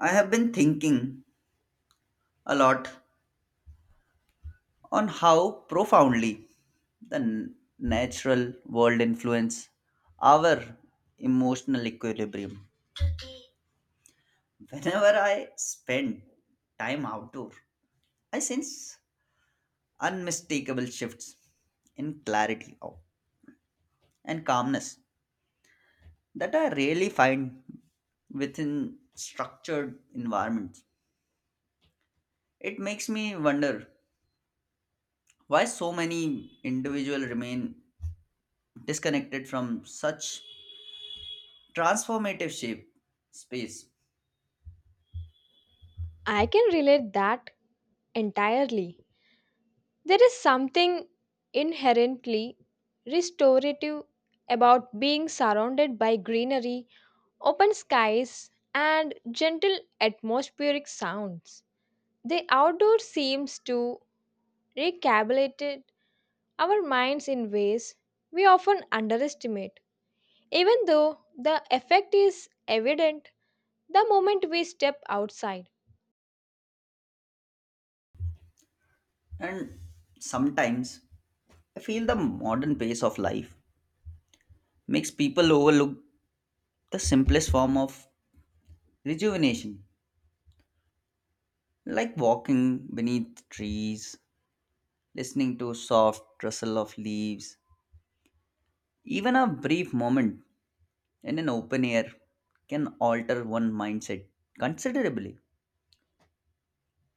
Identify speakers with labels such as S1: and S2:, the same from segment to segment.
S1: I have been thinking a lot on how profoundly the natural world influence our emotional equilibrium. Whenever I spend time outdoor, I sense unmistakable shifts in and calmness that I rarely find within structured environments. It makes me wonder why so many individuals remain disconnected from such transformative shape space,
S2: I can relate that entirely. There is something inherently restorative about being surrounded by greenery, open skies, and gentle atmospheric sounds. The outdoor seems to recalibrate our minds in ways we often underestimate. Even though the effect is evident the moment we step outside,
S1: and sometimes I feel the modern pace of life makes people overlook the simplest form of rejuvenation, like walking beneath trees, listening to soft rustle of leaves. Even a brief moment in an open air can alter one mindset considerably.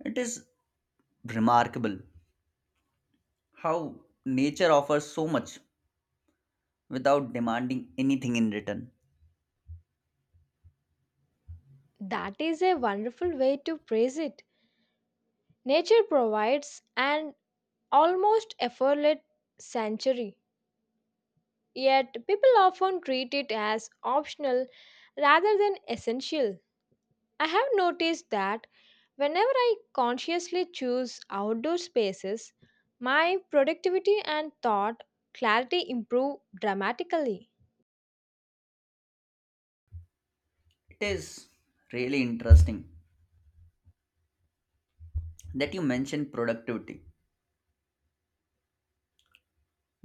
S1: It is remarkable how nature offers so much without demanding anything in return.
S2: that is a wonderful way to praise it. Nature provides an almost effortless sanctuary, yet people often treat it as optional rather than essential. I have noticed that whenever I consciously choose outdoor spaces, my productivity and thought clarity improve dramatically.
S1: It is really interesting that you mention productivity,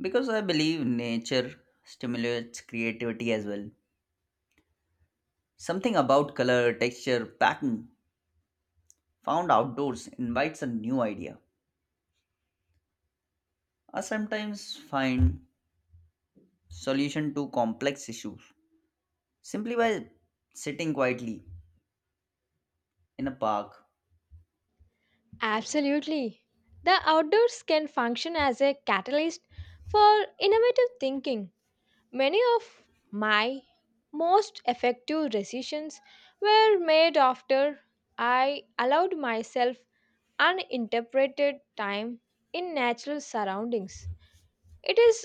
S1: because I believe nature stimulates creativity as well. Something about color, texture, packing found outdoors invites a new idea. I sometimes find solution to complex issues simply by sitting quietly in a park.
S2: Absolutely. The outdoors can function as a catalyst for innovative thinking. Many of my most effective decisions were made after I allowed myself uninterpreted time in natural surroundings. It is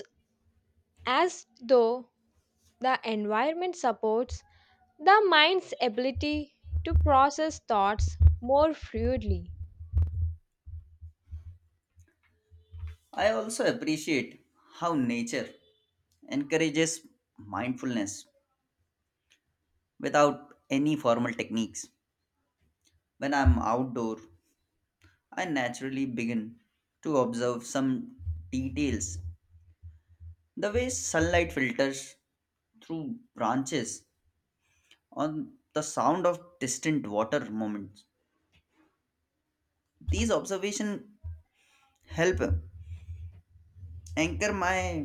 S2: as though the environment supports the mind's ability to process thoughts more fluidly.
S1: I also appreciate how nature encourages mindfulness without any formal techniques. When I'm outdoor, I naturally begin to observe some details. The way sunlight filters through branches on the sound of distant water movements. These observations help anchor my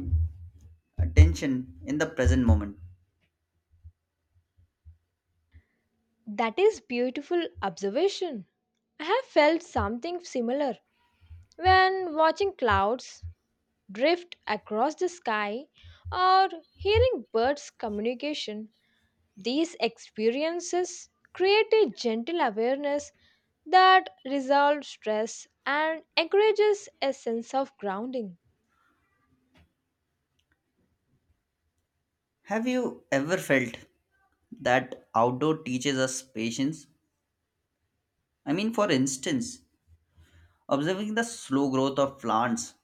S1: attention in the present moment.
S2: That is beautiful observation. I have felt something similar when watching clouds drift across the sky, or hearing birds' communication. These experiences create a gentle awareness that resolves stress and encourages a sense of grounding.
S1: Have you ever felt that outdoor teaches us patience? I mean, for instance, observing the slow growth of plants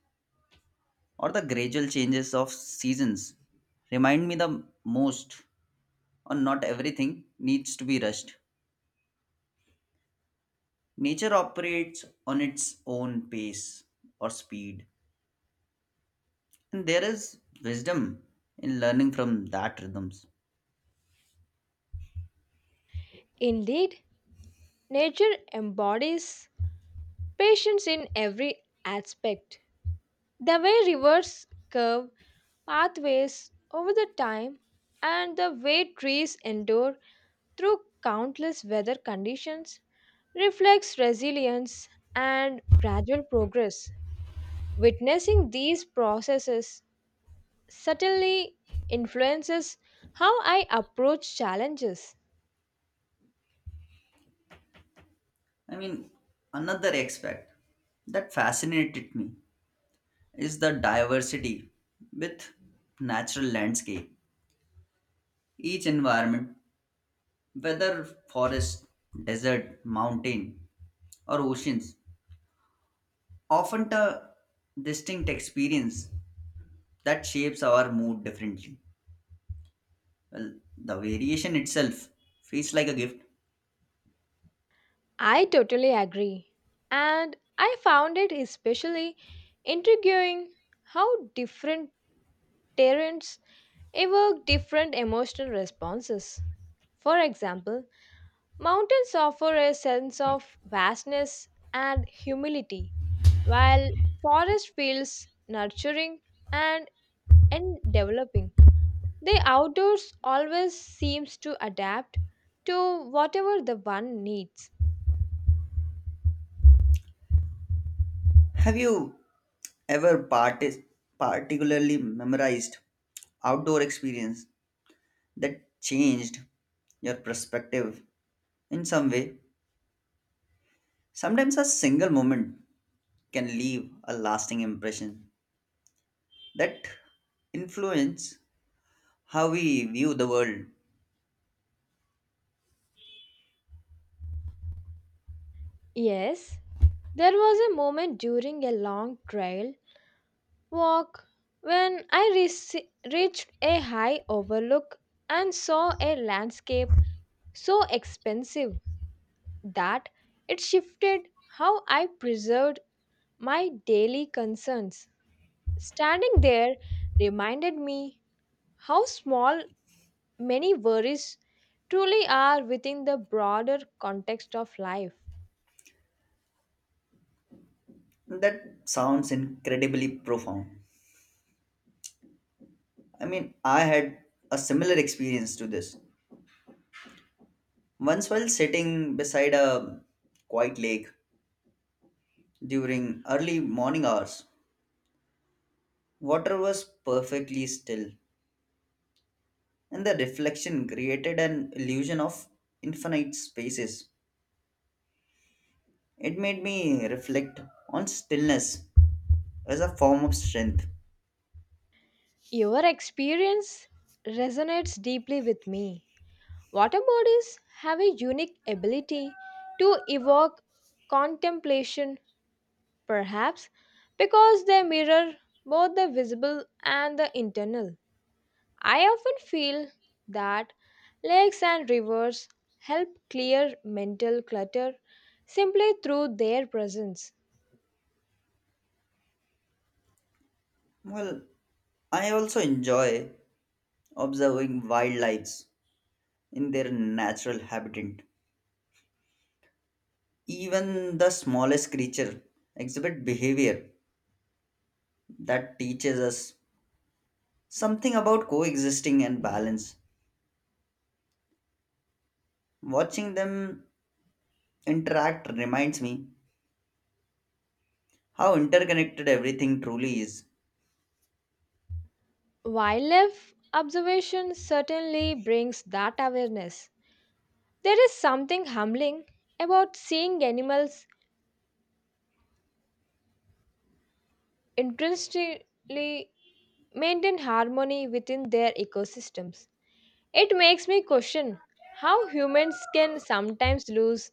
S1: or the gradual changes of seasons remind me the most on not everything needs to be rushed. Nature operates on its own pace or speed, and there is wisdom in learning from that rhythms.
S2: Indeed, nature embodies patience in every aspect. The way rivers curve pathways over the time and the way trees endure through countless weather conditions reflects resilience and gradual progress. Witnessing these processes certainly influences how I approach challenges.
S1: I mean, another aspect that fascinated me is the diversity with natural landscape. Each environment, whether forest, desert, mountain, or oceans, often a distinct experience that shapes our mood differently. Well, the variation itself feels like a gift.
S2: I totally agree. And I found it especially intriguing how different terrains evoke different emotional responses. For example, mountains offer a sense of vastness and humility, while forest feels nurturing and and developing, the outdoors always seems to adapt to whatever the one needs.
S1: Have you ever particularly memorized outdoor experience that changed your perspective in some way? Sometimes a single moment can leave a lasting impression that influence how we view the world.
S2: Yes, there was a moment during a long trail walk when reached a high overlook and saw a landscape so expensive that it shifted how I preserved my daily concerns. Standing there reminded me how small many worries truly are within the broader context of life.
S1: That sounds incredibly profound. I mean, I had a similar experience to this. Once, while sitting beside a quiet lake during early morning hours, water was perfectly still, and the reflection created an illusion of infinite spaces. It made me reflect on stillness as a form of strength.
S2: Your experience resonates deeply with me. Water bodies have a unique ability to evoke contemplation, perhaps because they mirror both the visible and the internal. I often feel that lakes and rivers help clear mental clutter simply through their presence.
S1: Well, I also enjoy observing wildlife in their natural habitat. Even the smallest creature exhibit behavior that teaches us something about coexisting and balance. Watching them interact reminds me how interconnected everything truly is.
S2: Wildlife observation certainly brings that awareness. There is something humbling about seeing animals intrinsically maintain harmony within their ecosystems. It makes me question how humans can sometimes lose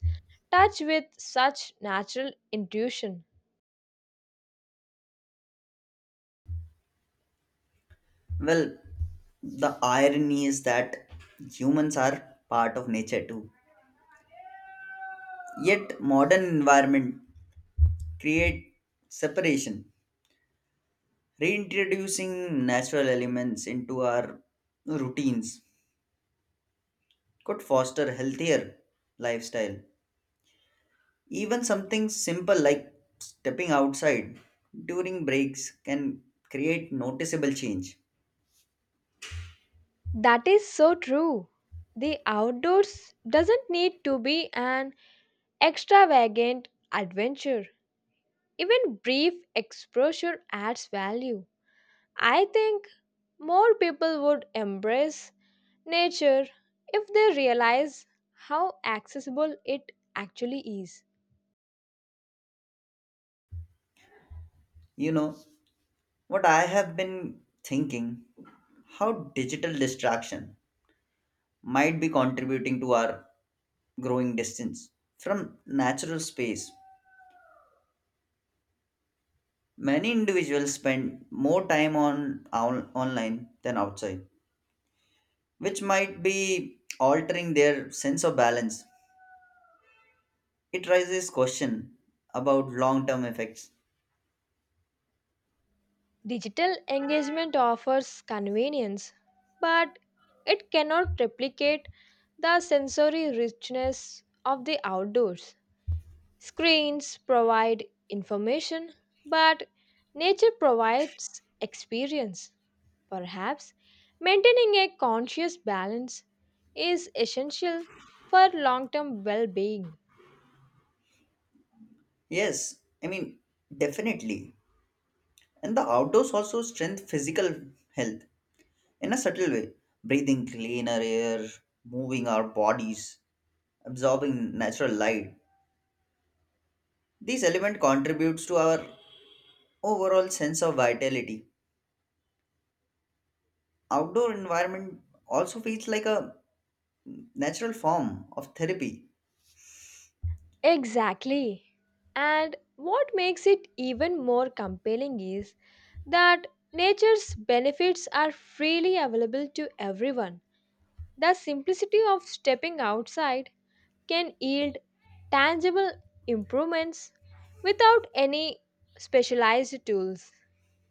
S2: touch with such natural intuition.
S1: Well, the irony is that humans are part of nature too. Yet modern environment create separation, reintroducing natural elements into our routines could foster healthier lifestyle. Even something simple like stepping outside during breaks can create noticeable change.
S2: That is so true. The outdoors doesn't need to be an extravagant adventure. Even brief exposure adds value. I think more people would embrace nature if they realize how accessible it actually is.
S1: You know what I have been thinking, how digital distraction might be contributing to our growing distance from natural space. Many individuals spend more time on online than outside, which might be altering their sense of balance. It raises question about long-term effects.
S2: Digital engagement offers convenience, but it cannot replicate the sensory richness of the outdoors. Screens provide information, but nature provides experience. Perhaps maintaining a conscious balance is essential for long term well being.
S1: Yes, I mean, definitely. And the outdoors also strengthen physical health in a subtle way. Breathing cleaner air, moving our bodies, absorbing natural light. These element contributes to our overall sense of vitality. Outdoor environment also feels like a natural form of therapy.
S2: Exactly. And what makes it even more compelling is that nature's benefits are freely available to everyone. The simplicity of stepping outside can yield tangible improvements without any specialized tools.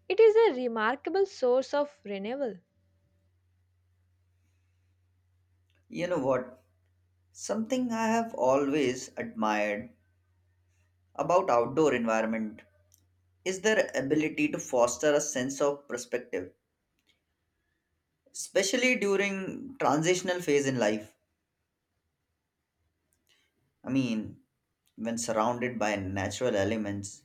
S2: It is a remarkable source of renewal.
S1: You know what? Something I have always admired about outdoor environment is their ability to foster a sense of perspective, especially during transitional phase in life. I mean, when surrounded by natural elements,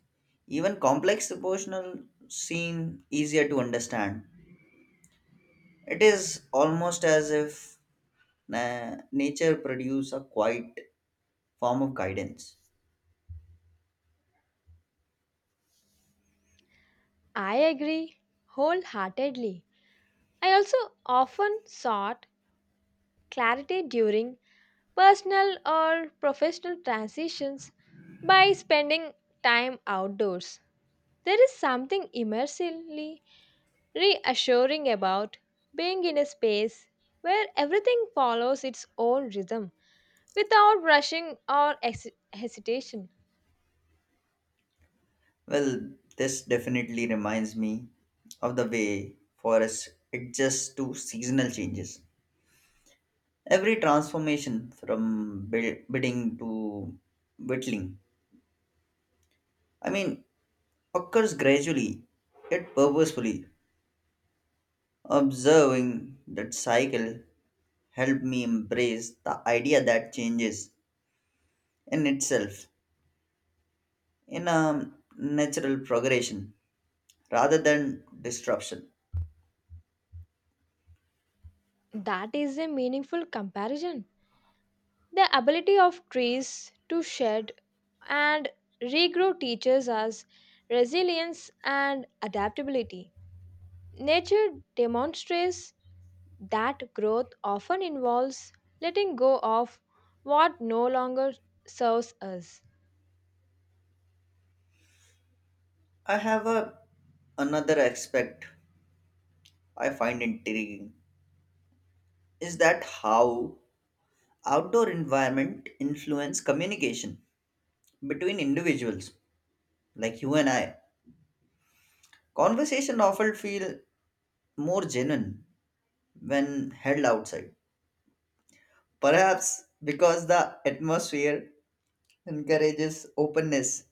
S1: even complex proportional seem easier to understand. It is almost as if nature produce a quiet form of guidance.
S2: I agree wholeheartedly. I also often sought clarity during personal or professional transitions by spending time outdoors. There is something immersively reassuring about being in a space where everything follows its own rhythm without rushing or hesitation.
S1: Well, this definitely reminds me of the way forests adjust to seasonal changes. Every transformation from bidding to whittling, I mean, occurs gradually yet purposefully. Observing that cycle helped me embrace the idea that changes in itself in a natural progression rather than disruption.
S2: That is a meaningful comparison. The ability of trees to shed and regrow teaches us resilience and adaptability. Nature demonstrates that growth often involves letting go of what no longer serves us.
S1: I have a another aspect I find intriguing is that how outdoor environment influence communication between individuals like you and I. Conversation often feel more genuine when held outside. Perhaps because the atmosphere encourages openness,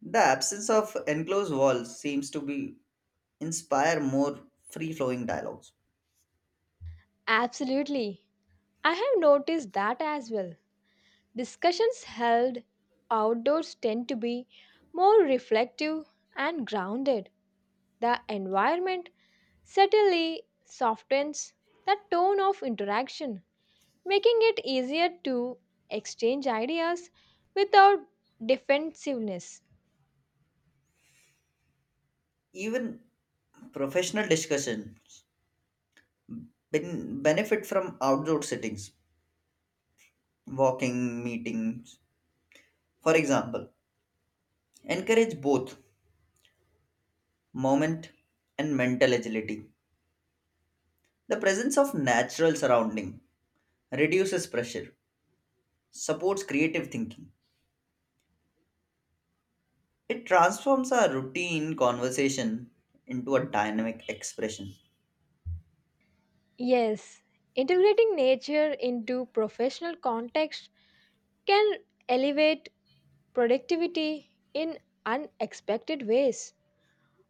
S1: the absence of enclosed walls seems to be inspire more free-flowing dialogues.
S2: Absolutely. I have noticed that as well. Discussions held outdoors tend to be more reflective and grounded. The environment certainly softens the tone of interaction, making it easier to exchange ideas without defensiveness.
S1: Even professional discussions benefit from outdoor settings. Walking meetings, for example, encourage both moment and mental agility. The presence of natural surrounding reduces pressure, supports creative thinking. It transforms a routine conversation into a dynamic expression.
S2: Yes, integrating nature into professional context can elevate productivity in unexpected ways.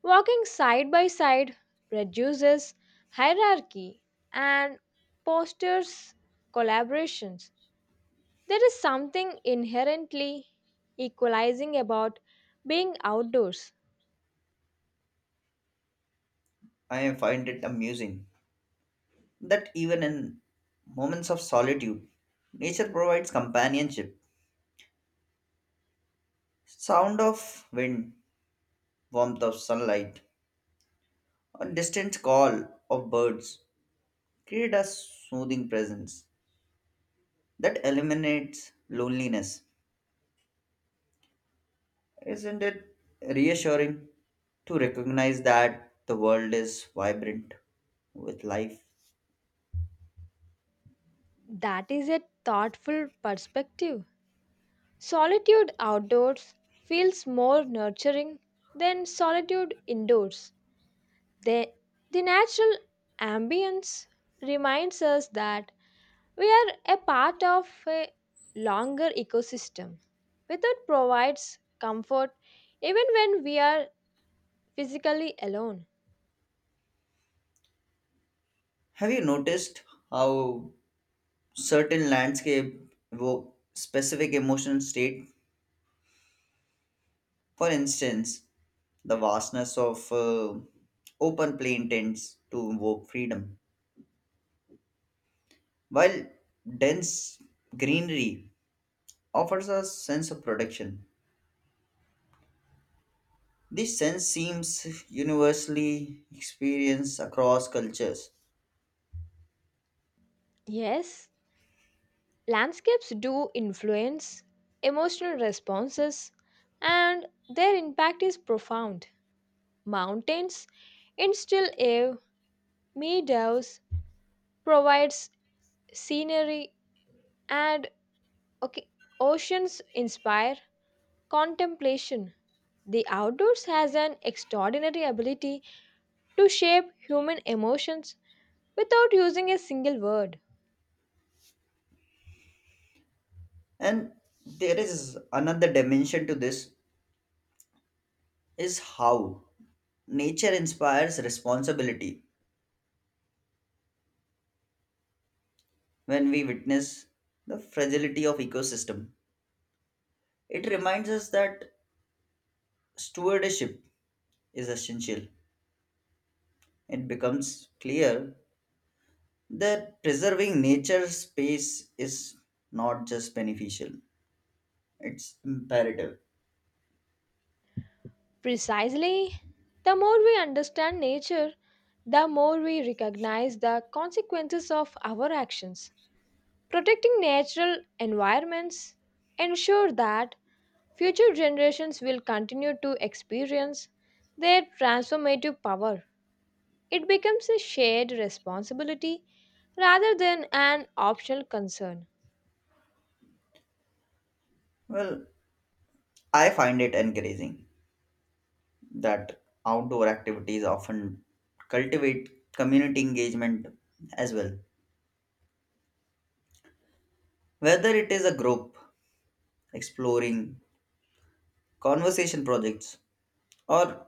S2: Walking side by side reduces hierarchy and fosters collaborations. There is something inherently equalizing about being outdoors.
S1: I find it amusing that even in moments of solitude, nature provides companionship. Sound of wind, warmth of sunlight, or distant call of birds create a soothing presence that eliminates loneliness. Isn't it reassuring to recognize that the world is vibrant with life?
S2: That is a thoughtful perspective. Solitude outdoors feels more nurturing than solitude indoors. The, the natural ambience reminds us that we are a part of a longer ecosystem. Without provides comfort even when we are physically alone.
S1: Have you noticed how certain landscape evoke specific emotional state? For instance, the vastness of open plain tends to evoke freedom, while dense greenery offers a sense of protection. This sense seems universally experienced across cultures.
S2: Yes, landscapes do influence emotional responses and their impact is profound. Mountains instill awe, meadows provides scenery and okay, oceans inspire contemplation. The outdoors has an extraordinary ability to shape human emotions without using a single word.
S1: And there is another dimension to this is how nature inspires responsibility when we witness the fragility of ecosystem. It reminds us that stewardship is essential. It becomes clear that preserving nature's space is not just beneficial, it's imperative.
S2: Precisely, the more we understand nature, the more we recognize the consequences of our actions. Protecting natural environments ensure that future generations will continue to experience their transformative power. It becomes a shared responsibility rather than an optional concern.
S1: Well, I find it encouraging that outdoor activities often cultivate community engagement as well. Whether it is a group exploring, conversation projects, or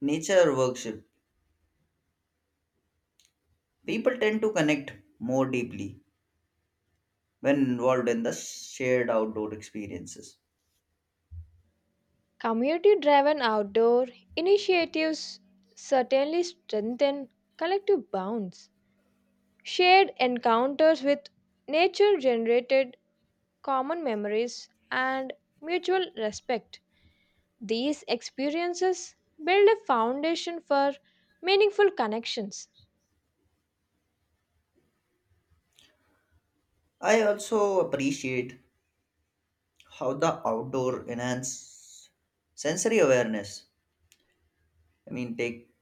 S1: nature worship, people tend to connect more deeply when involved in the shared outdoor experiences.
S2: Community driven outdoor initiatives certainly strengthen collective bonds. Shared encounters with nature generated common memories and mutual respect. These experiences build a foundation for meaningful connections.
S1: I also appreciate how the outdoor enhance sensory awareness. I mean, take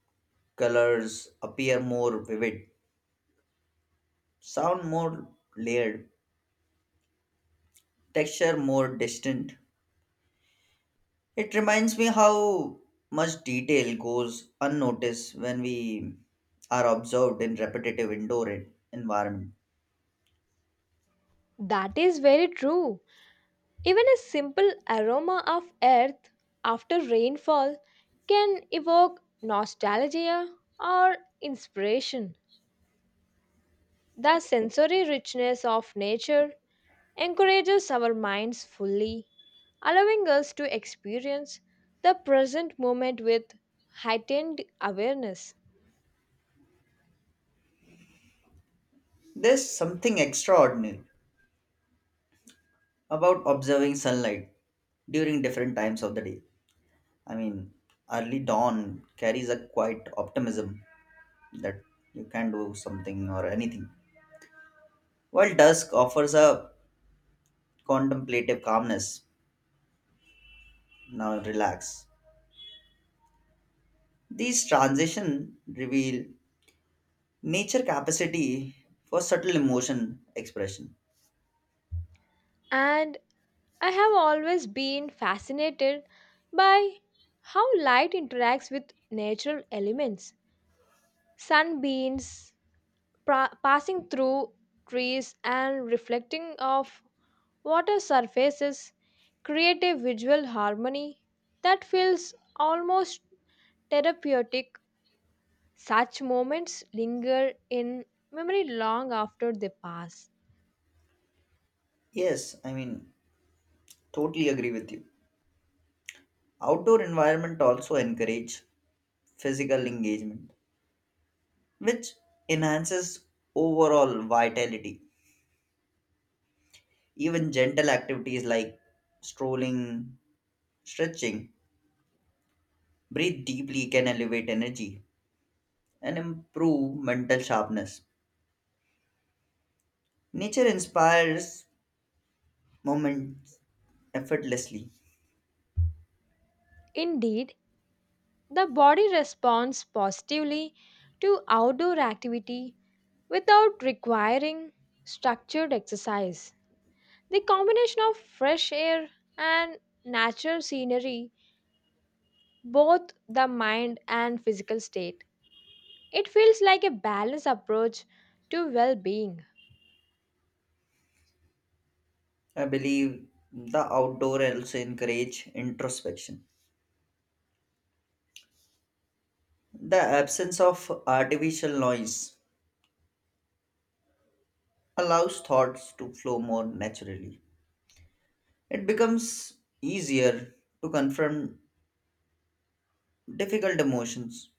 S1: colors appear more vivid, sound more layered, texture more distant. It reminds me how much detail goes unnoticed when we are observed in repetitive indoor environment.
S2: That is very true. Even a simple aroma of earth after rainfall can evoke nostalgia or inspiration. The sensory richness of nature encourages our minds fully, allowing us to experience the present moment with heightened awareness.
S1: There's something extraordinary about observing sunlight during different times of the day. I mean, early dawn carries a quiet optimism that you can do something or anything, while dusk offers a contemplative calmness. Now relax. These transition reveal nature capacity for subtle emotion expression.
S2: And I have always been fascinated by how light interacts with natural elements. Sunbeams passing through trees and reflecting off water surfaces create a visual harmony that feels almost therapeutic. Such moments linger in memory long after they pass.
S1: Yes, I mean, totally agree with you. Outdoor environment also encourage physical engagement, which enhances overall vitality. Even gentle activities like strolling, stretching, breathe deeply can elevate energy and improve mental sharpness. Nature inspires moments effortlessly.
S2: Indeed, the body responds positively to outdoor activity without requiring structured exercise. The combination of fresh air and natural scenery, both the mind and physical state, it feels like a balanced approach to well being.
S1: I believe the outdoor also encourage introspection. The absence of artificial noise allows thoughts to flow more naturally. It becomes easier to confront difficult emotions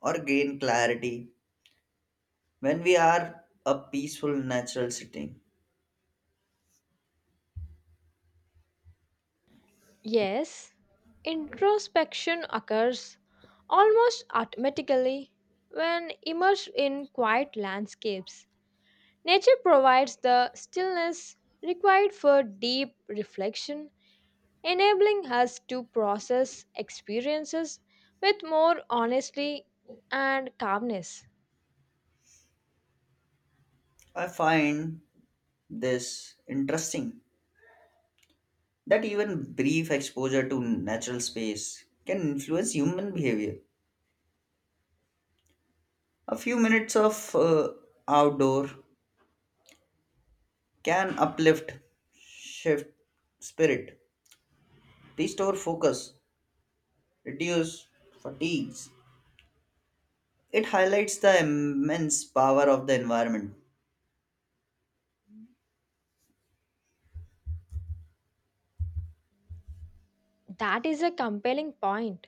S1: or gain clarity when we are a peaceful natural setting.
S2: Yes, introspection occurs almost automatically when immersed in quiet landscapes. Nature provides the stillness required for deep reflection, enabling us to process experiences with more honesty and calmness.
S1: I find this interesting that even brief exposure to natural space can influence human behavior. A few minutes of outdoor can uplift, shift spirit, restore focus, reduce fatigues. It highlights the immense power of the environment.
S2: That is a compelling point.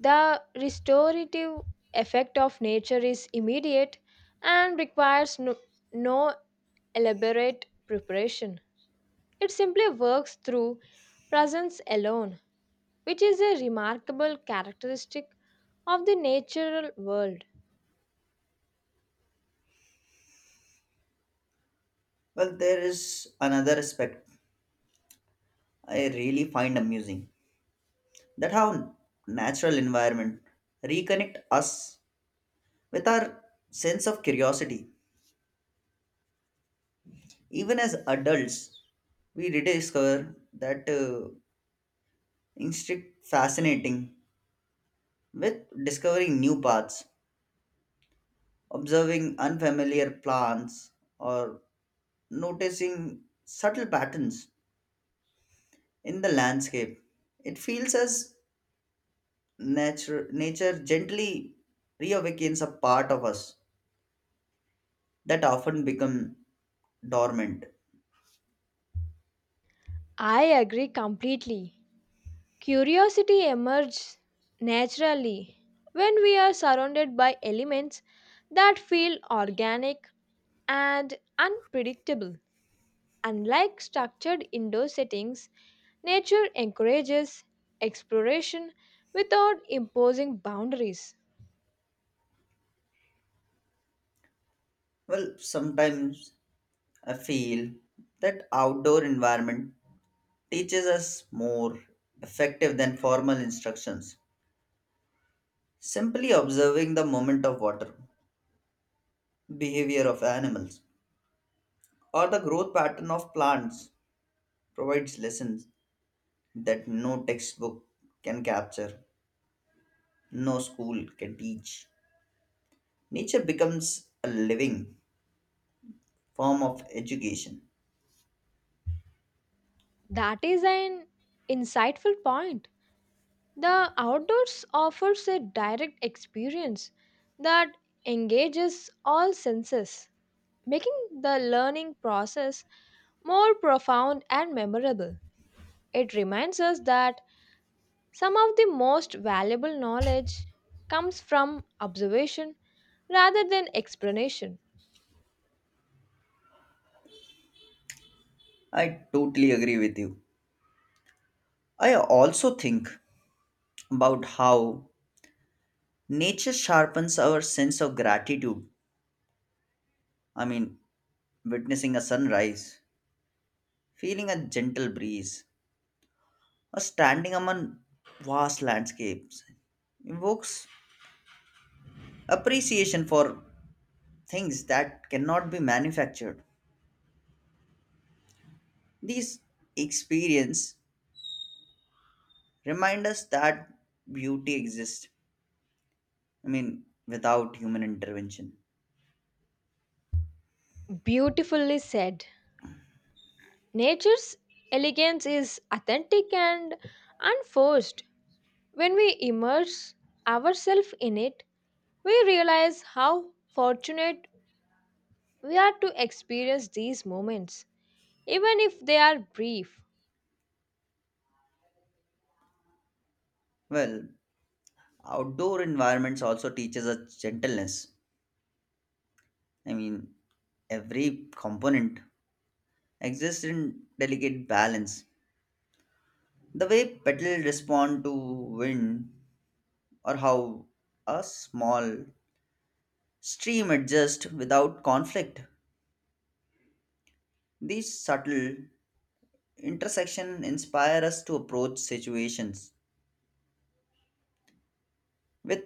S2: The restorative effect of nature is immediate and requires no elaborate preparation. It simply works through presence alone, which is a remarkable characteristic of the natural world.
S1: Well, there is another aspect I really find amusing, that how natural environment reconnect us with our sense of curiosity. Even as adults, we rediscover that instinct fascinating with discovering new paths, observing unfamiliar plants, or noticing subtle patterns in the landscape. It feels as nature gently reawakens a part of us that often become dormant.
S2: I agree completely. Curiosity emerges naturally when we are surrounded by elements that feel organic and unpredictable. Unlike structured indoor settings, nature encourages exploration without imposing boundaries.
S1: Well, sometimes I feel that outdoor environment teaches us more effective than formal instructions. Simply observing the movement of water, behavior of animals, or the growth pattern of plants provides lessons that no textbook can capture, no school can teach. Nature becomes a living form of education.
S2: That is an insightful point. The outdoors offers a direct experience that engages all senses, making the learning process more profound and memorable. It reminds us that some of the most valuable knowledge comes from observation rather than explanation.
S1: I totally agree with you. I also think about how nature sharpens our sense of gratitude. I mean, witnessing a sunrise, feeling a gentle breeze, or standing among vast landscapes evokes appreciation for things that cannot be manufactured. These experience remind us that beauty exists, I mean, without human intervention.
S2: Beautifully said. Nature's elegance is authentic and unforced. When we immerse ourselves in it, we realize how fortunate we are to experience these moments, even if they are brief.
S1: Well, outdoor environments also teaches us gentleness. I mean, every component exist in delicate balance. The way petals respond to wind, or how a small stream adjusts without conflict. These subtle intersections inspire us to approach situations with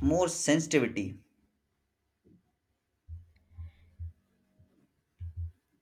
S1: more sensitivity.